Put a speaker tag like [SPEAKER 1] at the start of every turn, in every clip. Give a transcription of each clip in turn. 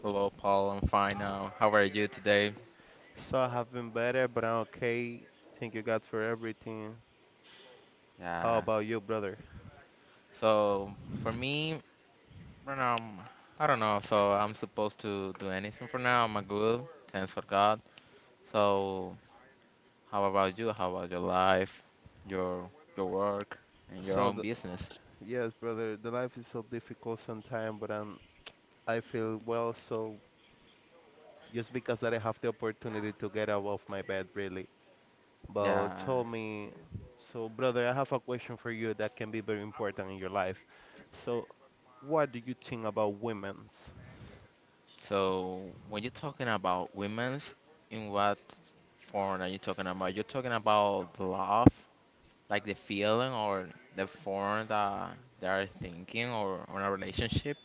[SPEAKER 1] Hello, Paul. I'm fine now. How are you today? Yeah. So, for me, right now, I don't know. So, I'm supposed to do anything for now. I'm good. Thanks for God. So, how about you? How about your life, your your work, and your own business? Yeah. So, when you're talking about women's, in what form are you talking about? You're talking about love like the feeling or the form that they are thinking or on a relationship.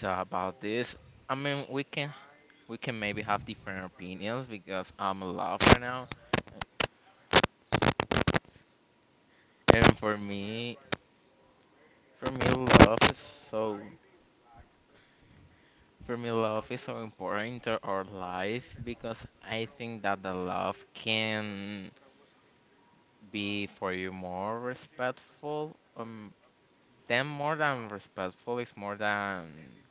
[SPEAKER 1] So about this, I mean, we can maybe have different opinions because I'm in love right now, and for me, love is so so important to our life because I think that the love can be for you more respectful. Then more than respectful is more than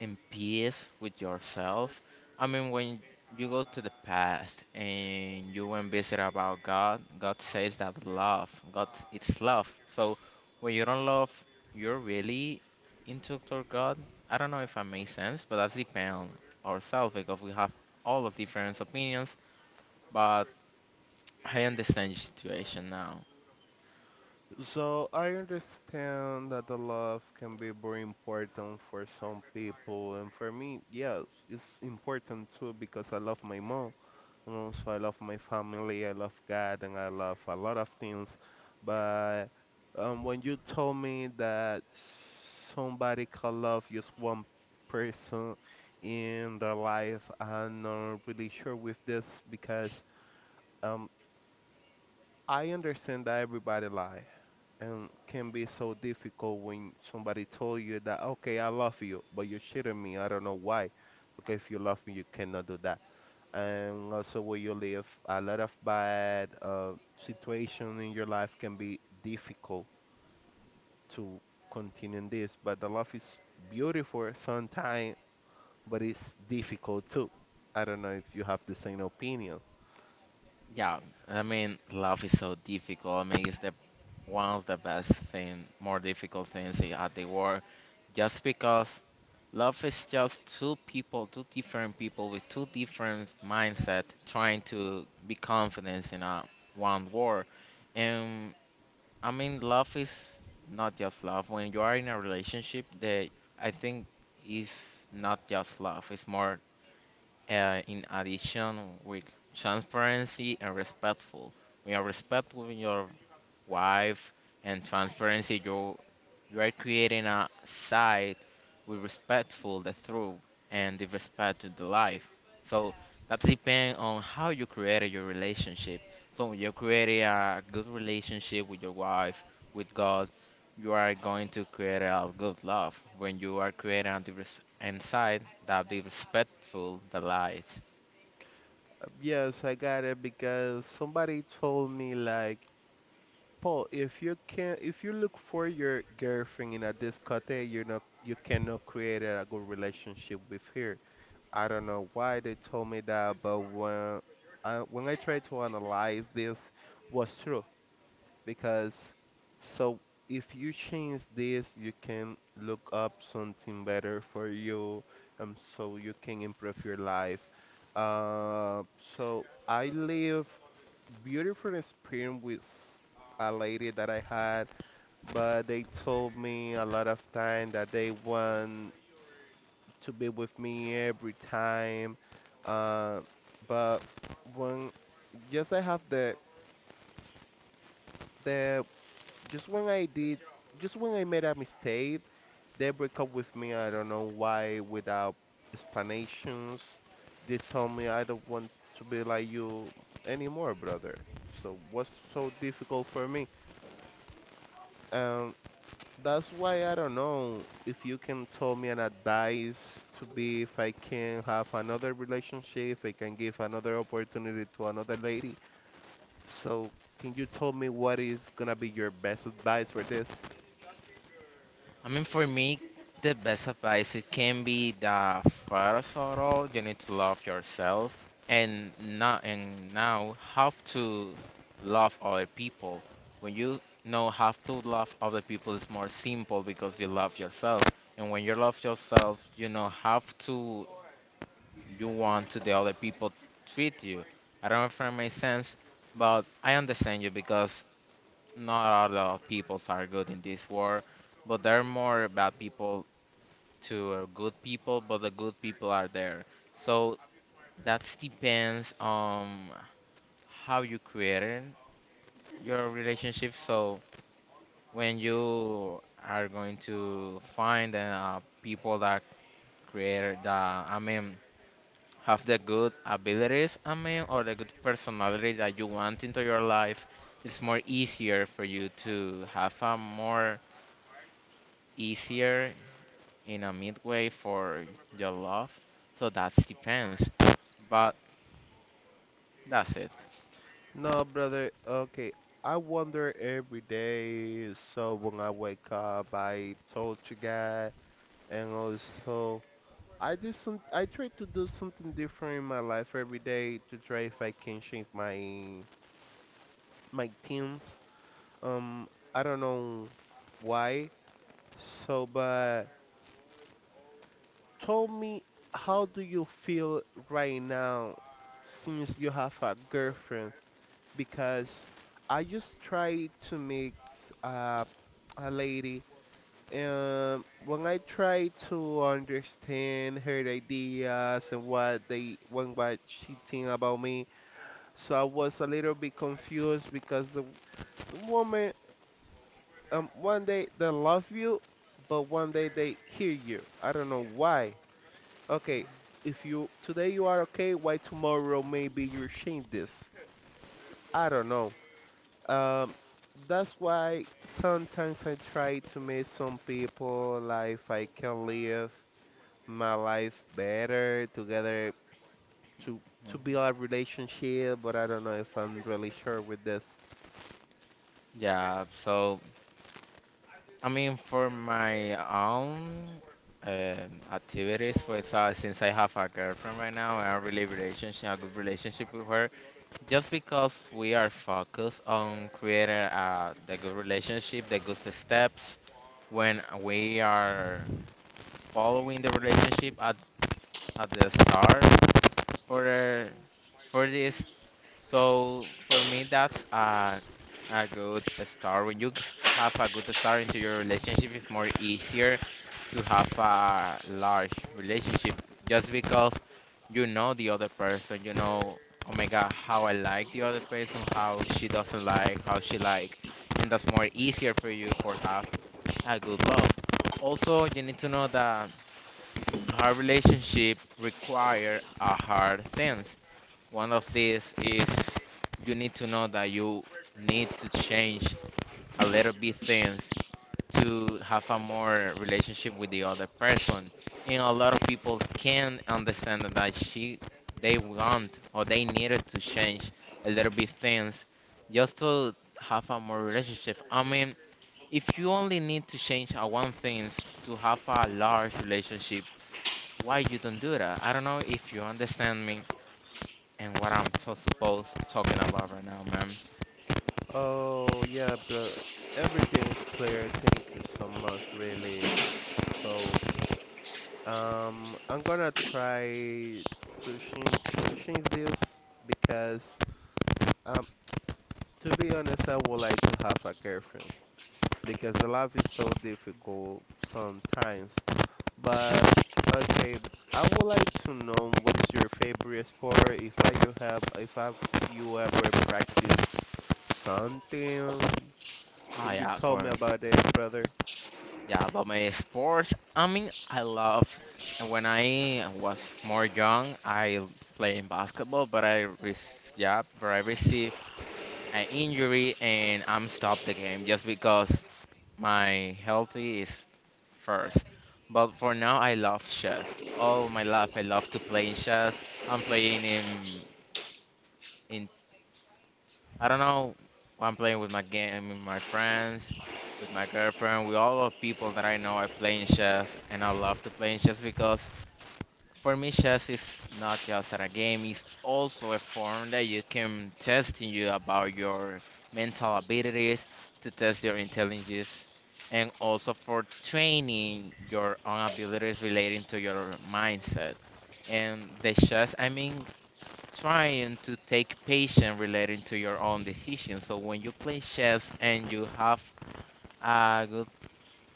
[SPEAKER 1] in peace with yourself. I mean, when you go to the past and you went visit about God, God says that love, God, it's love. So when you don't love, you're really into toward God. I don't know if I make sense, but that's depend on ourselves because we have all of different opinions. But I understand your situation now. Yeah, I mean, love is so difficult. I mean, it's the one of the best thing, more difficult things at the world, just because love is just two people, two different people with two different mindset trying to be confident in a one word. And I mean, love is not just love. When you are in a relationship, that I think is not just love. It's more in addition, with transparency and respectful, we are respectful with your wife and transparency you are creating a site with respectful the truth and the respect to the life, so that depends on how you created your relationship. So when you create a good relationship with your wife, with God, you are going to create a good love. When you are creating a diverse inside that be respectful the lies. I mean, for me, the best advice it can be that first of all, you need to love yourself, and not and now have to love other people. When you know how to love other people, it's more simple because you love yourself, and when you love yourself, you know how to you want to the other people treat you. I don't know if that makes sense, but I understand you because not all the people are good in this world, but there are more bad people to good people, but the good people are there. So that depends on how you created your relationship. So when you are going to find people that create the, I mean, have the good abilities, I mean, or the good personality that you want into your life, it's more easier for you to have a more easier in a midway for your love. So that depends. But that's it. Mhm. Yeah, so I mean, for my own activities, for example, since I have a girlfriend right now and a really relationship, a good relationship with her, just because we are focused on creating the good relationship, the good steps when we are following the relationship at the start for the, for this. So for me, that's a good start. When you have a good start into your relationship, it's more easier to have a large relationship just because you know the other person. You know, oh my God, how I like the other person, how she doesn't like, how she like, and that's more easier for you for have a good love. Also, you need to know that hard relationship require a hard things. One of these is you need to know that you need to change a little bit things to have a more relationship with the other person. And a lot of people can understand that she they want or they needed to change a little bit things just to have a more relationship. I mean, if you only need to change a one things to have a large relationship, why you don't do that? I don't know if you understand me and what I'm supposed talking about right now, man. Oh yeah, for yeah, about my sports. I mean, I love. And when I was more young, I played basketball, but I yeah, but I received an injury and I'm stopped the game just because my healthy is first. But for now, I love chess. All my life, I love to play in chess. I'm playing in I don't know. I'm playing with my game, with my friends, with my girlfriend, with all the people that I know. I play in chess, and I love to play in chess because for me, chess is not just a game. It's also a form that you can test you about your mental abilities, to test your intelligence, and also for training your own abilities relating to your mindset. And the chess, I mean,
[SPEAKER 2] Esta
[SPEAKER 1] trying to take patience relating
[SPEAKER 2] especie
[SPEAKER 1] to your own decision. So when you play chess and you have a good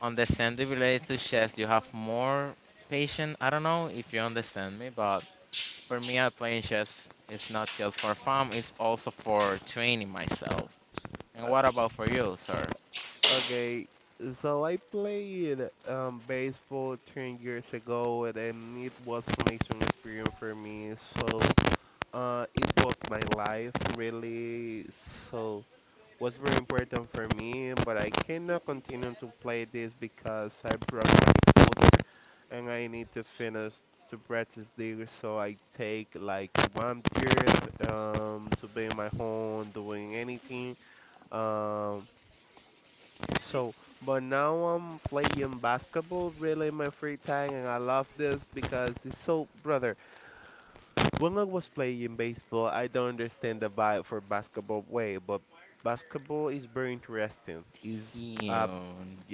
[SPEAKER 1] understanding related to chess, you have
[SPEAKER 2] se
[SPEAKER 1] more patience. I don't know if you understand me, but for me, I playing chess is not just for fun; it's also for training myself. And what about for you, sir? Hmm,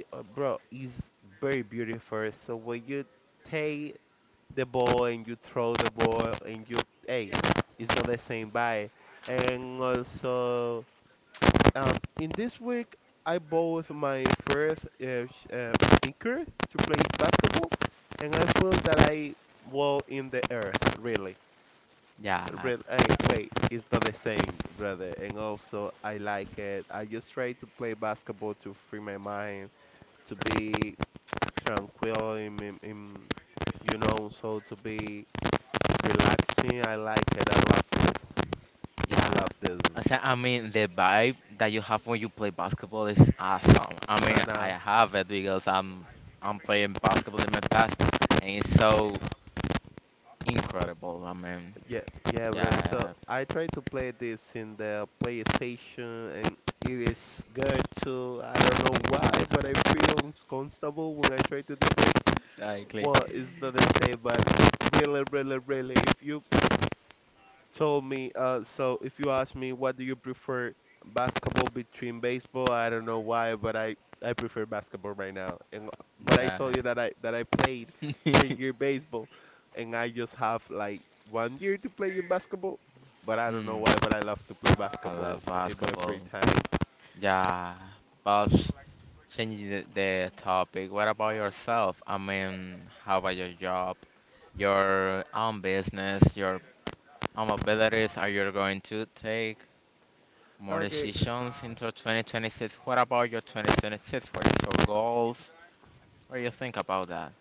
[SPEAKER 1] yeah, yeah. I said, I mean, the vibe that you have when you play basketball is awesome. I mean, I have it because I'm playing basketball in my past, and it's so incredible. I mean, yeah, exactly. Yeah. Hmm. I love basketball. Yeah. But changing the topic, what about yourself? I mean, how about your job, your own business, your but better is, are you going to take more decisions into 2026? What about your 2026? What is your goals? What do you think about that?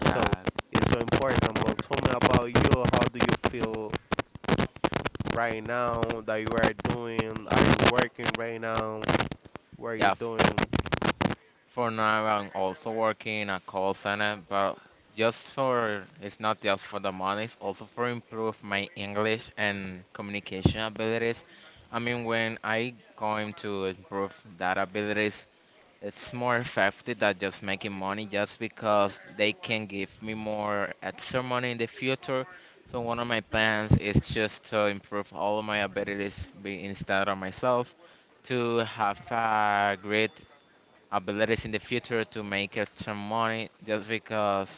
[SPEAKER 1] Yeah, yeah. For now, I'm also working at call center, but just for it's not just for the money. It's also for improve my English and communication abilities. I mean, when I going to improve that abilities, it's more effective than just making money just because they can give me more extra money in the future. So one of my plans is just to improve all of my abilities instead of myself to have great abilities in the future to make extra money just because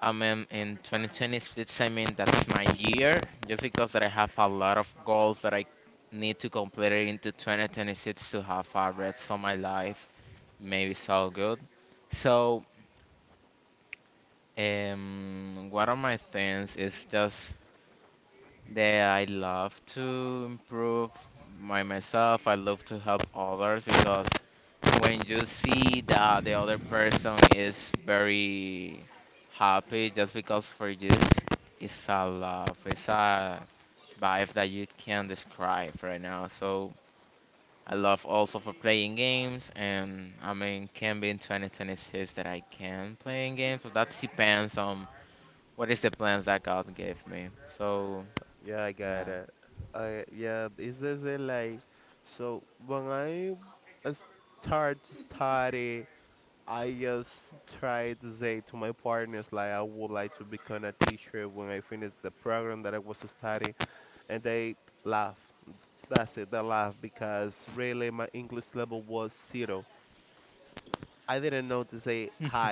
[SPEAKER 1] I mean in 2026 I mean that's my year just because that I have a lot of goals that I need to complete it into 2026 to have a rest of my life. Maybe it's all good. So, one of my things is just that I love to improve my myself. I love to help others because when you see that the other person is very happy, just because for this, it's a love, it's a vibe that you can't describe right now. So I love also for playing games, and I mean, can be in 2026 that I can playing games, but that depends on what is the plans that God gave me. So yeah,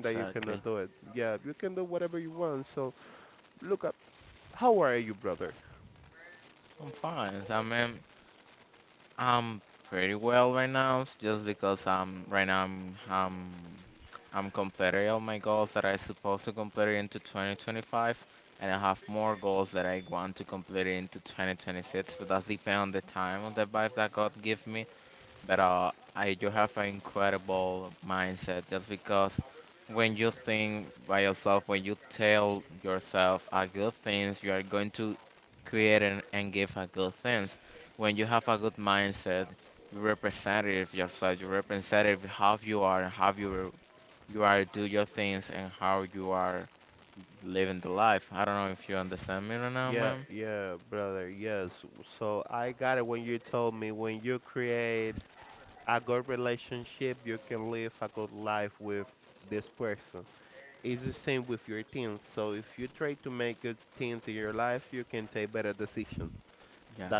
[SPEAKER 1] exactly. I'm fine. I mean, I'm pretty well right now, just because I'm right now I'm completing all my goals that I supposed to complete into 2025, and I have more goals that I want to complete into 2026. But that's depend on the time on the vibe that God give me, but I do have an incredible mindset just because when you think by yourself, when you tell yourself a good things, you are going to create and give a good things. When you have a good mindset, you represent it of yourself, you represent it of how you are and how you are do your things and how you are living the life. I don't know if you understand me right now, ma'am. Yeah.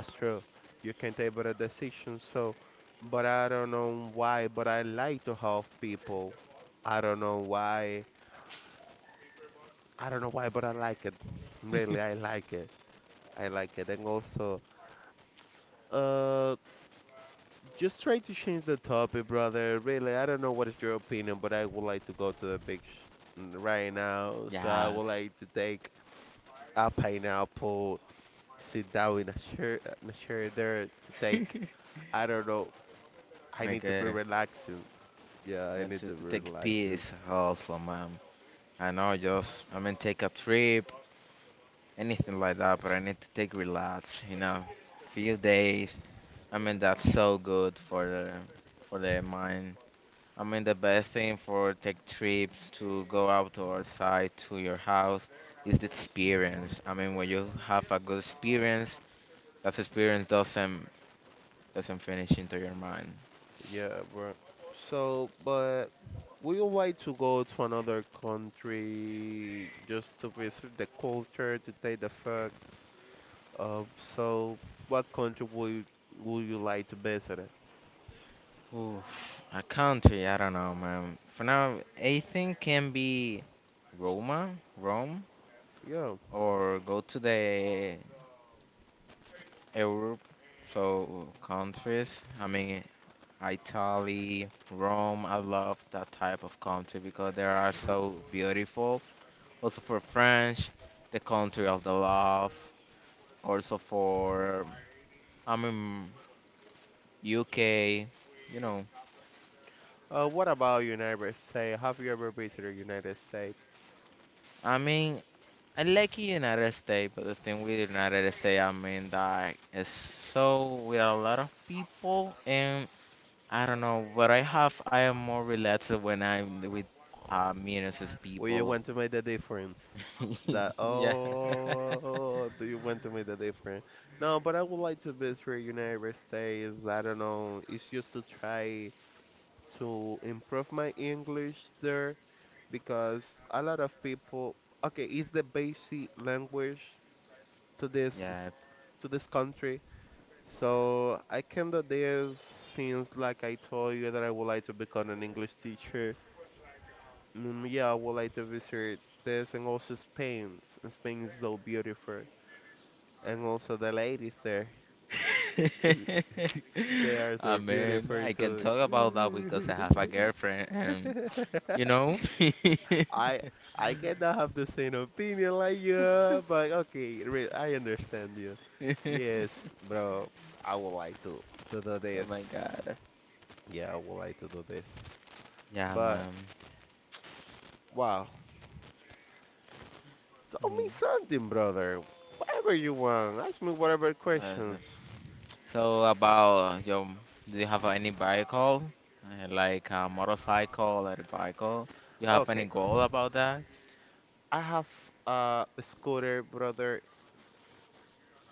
[SPEAKER 1] Yeah. My God. And to take peace also, ma'am. I know, just I mean, take a trip, anything like that. But I need to take relax, you know, few days. I mean, that's so good for the mind. I mean, the best thing for take trips to go out to outside to your house is the experience. I mean, when you have a good experience, that experience doesn't finish into your mind. Oof, a country, I don't know, man. For now, anything can be Roma, Rome, or go to the Europe, so countries. I mean, Italy, Rome. I love that type of country because they are so beautiful. Also for French, the country of the love. Also for I mean UK. You know, I mean. I like the United States, but the thing with the United States, I mean, that is it's so with a lot of people, and. I don't know, but I am more relaxed when I'm with minuses people. Yeah. Yeah. I mean, I can talk about that because I have a girlfriend and you know. Oh my god. Yeah, man. Mm. That's so about your, do you have any vehicle, like a motorcycle or a bicycle? You have any goal about that?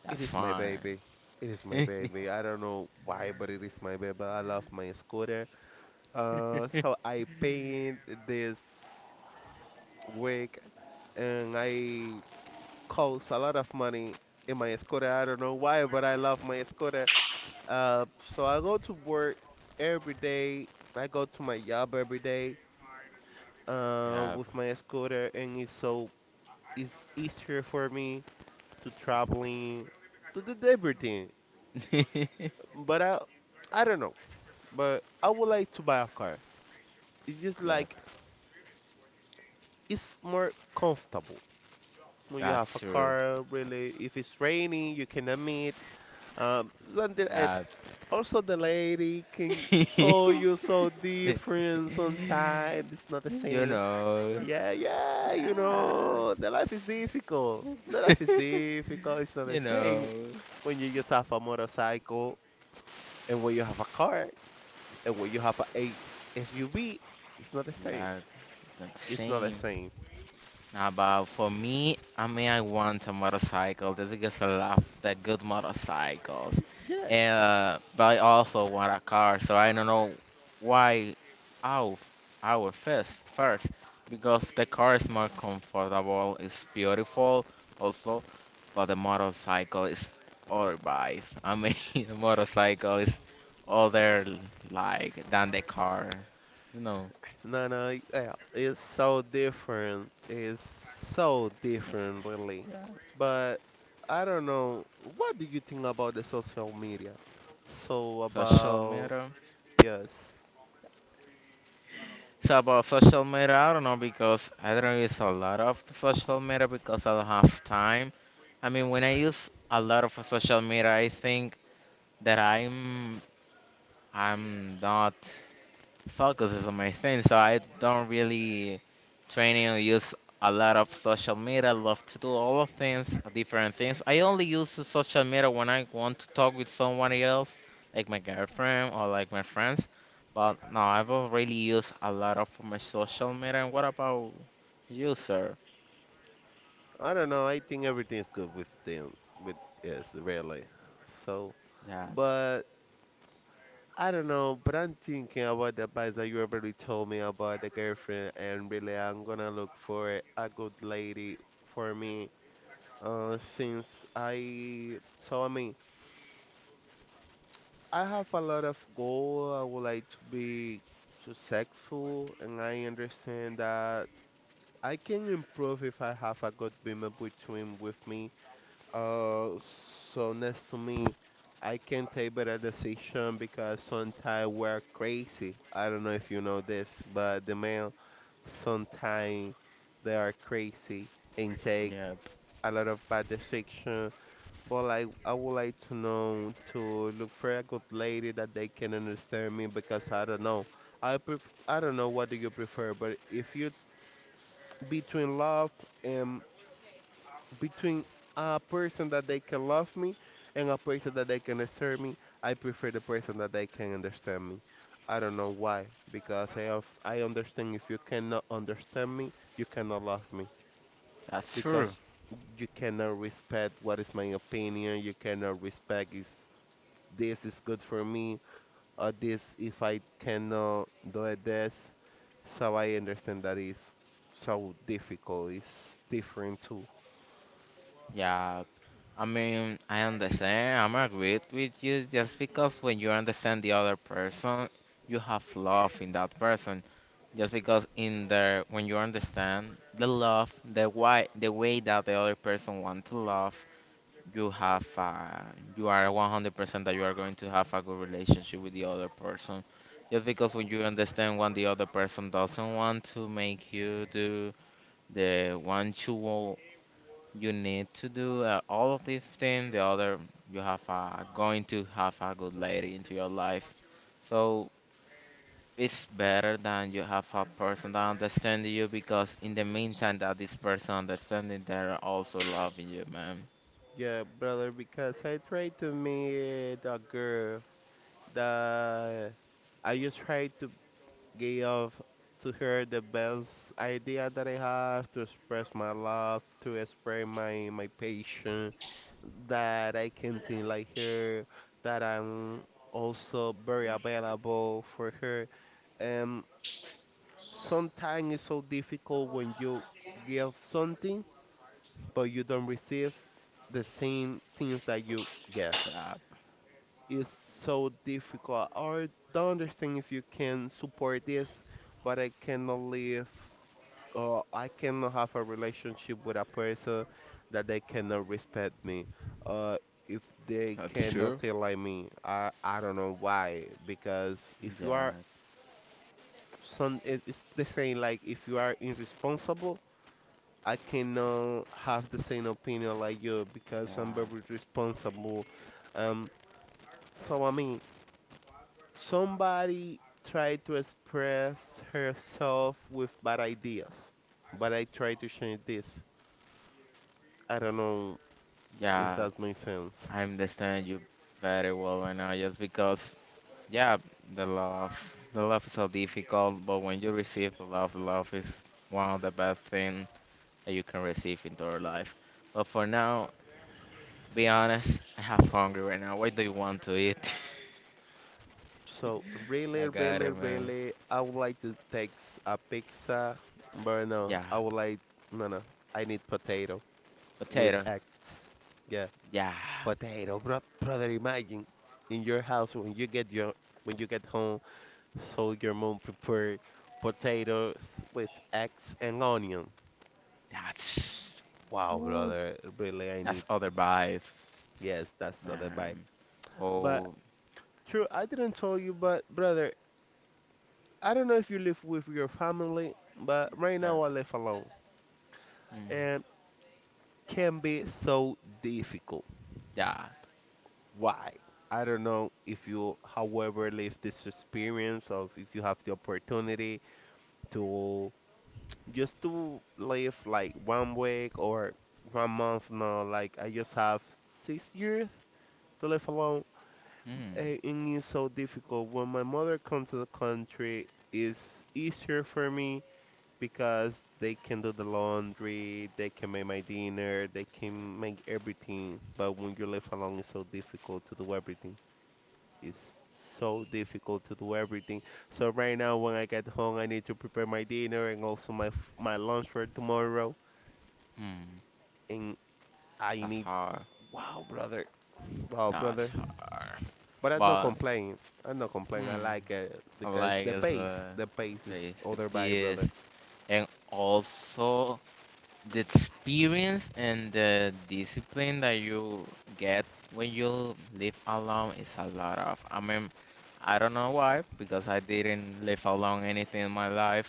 [SPEAKER 1] That's fine. Yeah. Yep. Yep. That's true. Yep. You know. Yeah. You know. Yeah. That's same. Nah, but for me, I mean, I want a motorcycle. This is just a lot the good motorcycles, but I also want a car. So I don't know why our our first because the car is more comfortable. It's beautiful also, but the motorcycle is all right. I mean, the motorcycle is other like than the car, you know. Yeah. Social media. So about social media, I don't know because I don't use a lot of the social media because I don't have time. I mean, when I use a lot of social media, I think that I'm not focuses on my thing, so I don't really train or use a lot of social media. I love to do all of things, different things. I only use the social media when I want to talk with someone else, like my girlfriend or like my friends. But no, I don't really use a lot of my social media. And what about you, sir? Yep, yep, that's true. Yeah, I mean, I understand. I'm agreed with you just because when you understand the other person, you have love in that person. Just because in the when you understand the love, the why, the way that the other person want to love, you have you are 100% that you are going to have a good relationship with the other person. Just because when you understand what the other person doesn't want to make you do, the one you need to do all of these things. The other, you have a, going to have a good lady into your life. So it's better than you have a person that understands you because in the meantime that this person understanding, they're also loving you, man.
[SPEAKER 2] encuentra en África subsahariana.
[SPEAKER 1] Yeah, that's true. Yeah, yeah, yeah. I understand you very well right now, just because, yeah, the love, the love is so difficult, but when you receive the love is one of the best things that you can receive into our life. But for now, be honest, I have hungry right now. What do you want to eat? I got it, man. Yeah, potato. Yeah, that's ooh, that's other vibe, man. Oh, yeah, mm, yeah, mm, mm. That's hard. That's hard. But hmm, I like as a the piece, and also the experience and the discipline that you get when you live alone is a lot of. I mean, I don't know why, because I didn't live alone anything in my life,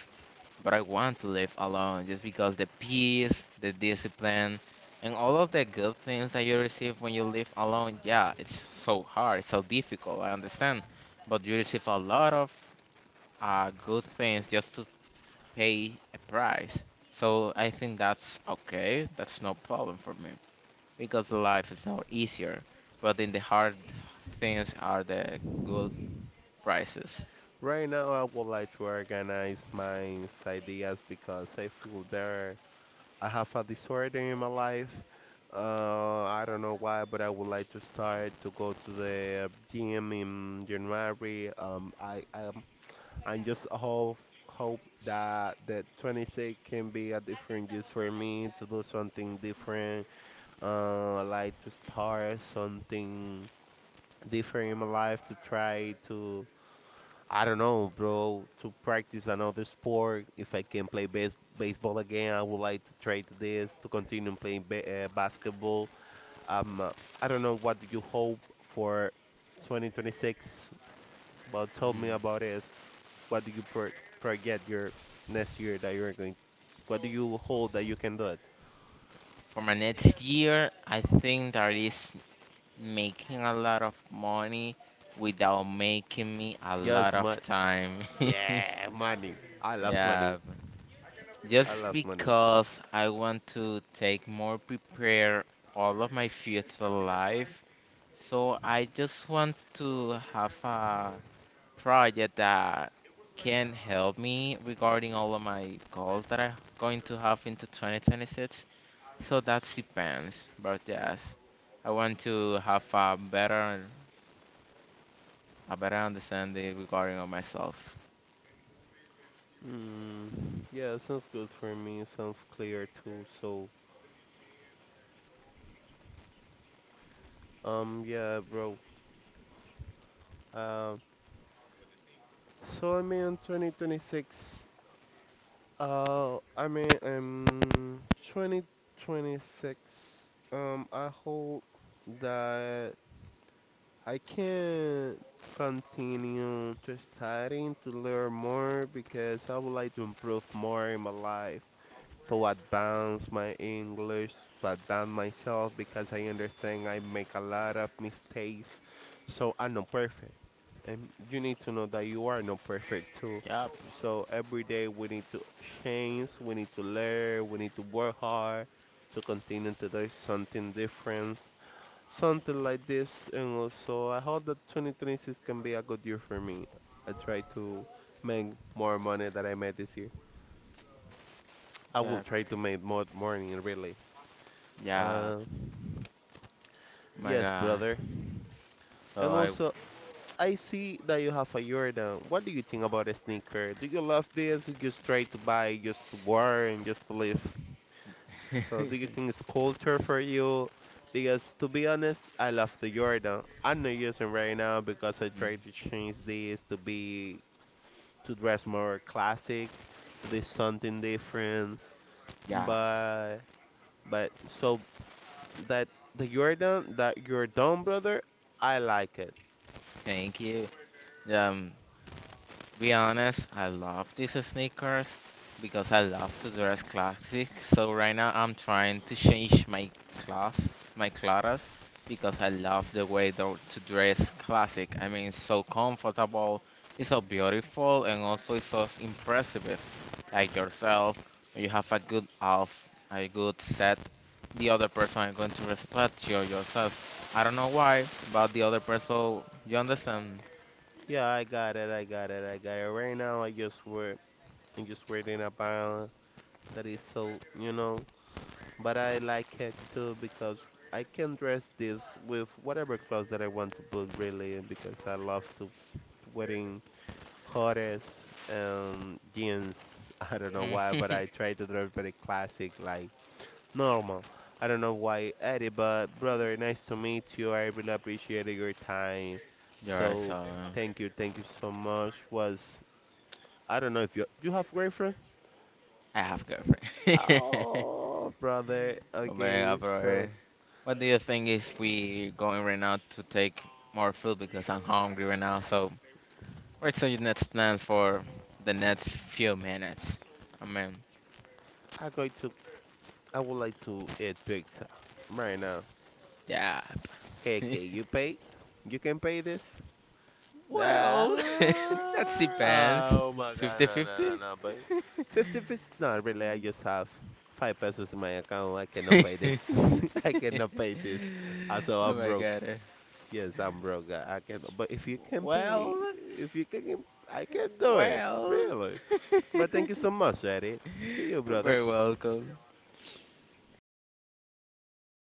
[SPEAKER 1] but I want to live alone just because the peace, the discipline, and all of the good things that you receive when you live alone. Yeah, it's so hard, it's so difficult, I understand, but you receive a lot of good things just to pay a price. So I think that's okay. That's no problem for me because life is not easier. But in the hard things are the good prices. Hmm. For my next year, I think that is making a lot of money without making me a lot of time. Yeah, just because I want to take more prepare all of my future life. So I just want to have a project that can help me regarding all of my goals that I'm going to have into 2026. So that depends, but yes, I want to have a better understanding regarding of myself. Yep. Yep. Yep. My God. So I. Mm. Yeah, thank you. Um, be honest, I love these sneakers because I love to dress classic. So right now I'm trying to change class, my clothes, because I love the way to dress classic. I mean, it's so comfortable, it's so beautiful, and also it's so impressive. Like yourself, you have a good off, a good set. The other person is going to respect you yourself. I don't know why, but the other person, you understand? Mm. You're right, so. I have girlfriend. Oh my god, bro. What do you think if we going right now to take more food because I'm hungry right now? So what's your next plan for the next few minutes? I mean, yeah. Well, that depends. 50-50. Oh my god. Well. Well, you're very welcome.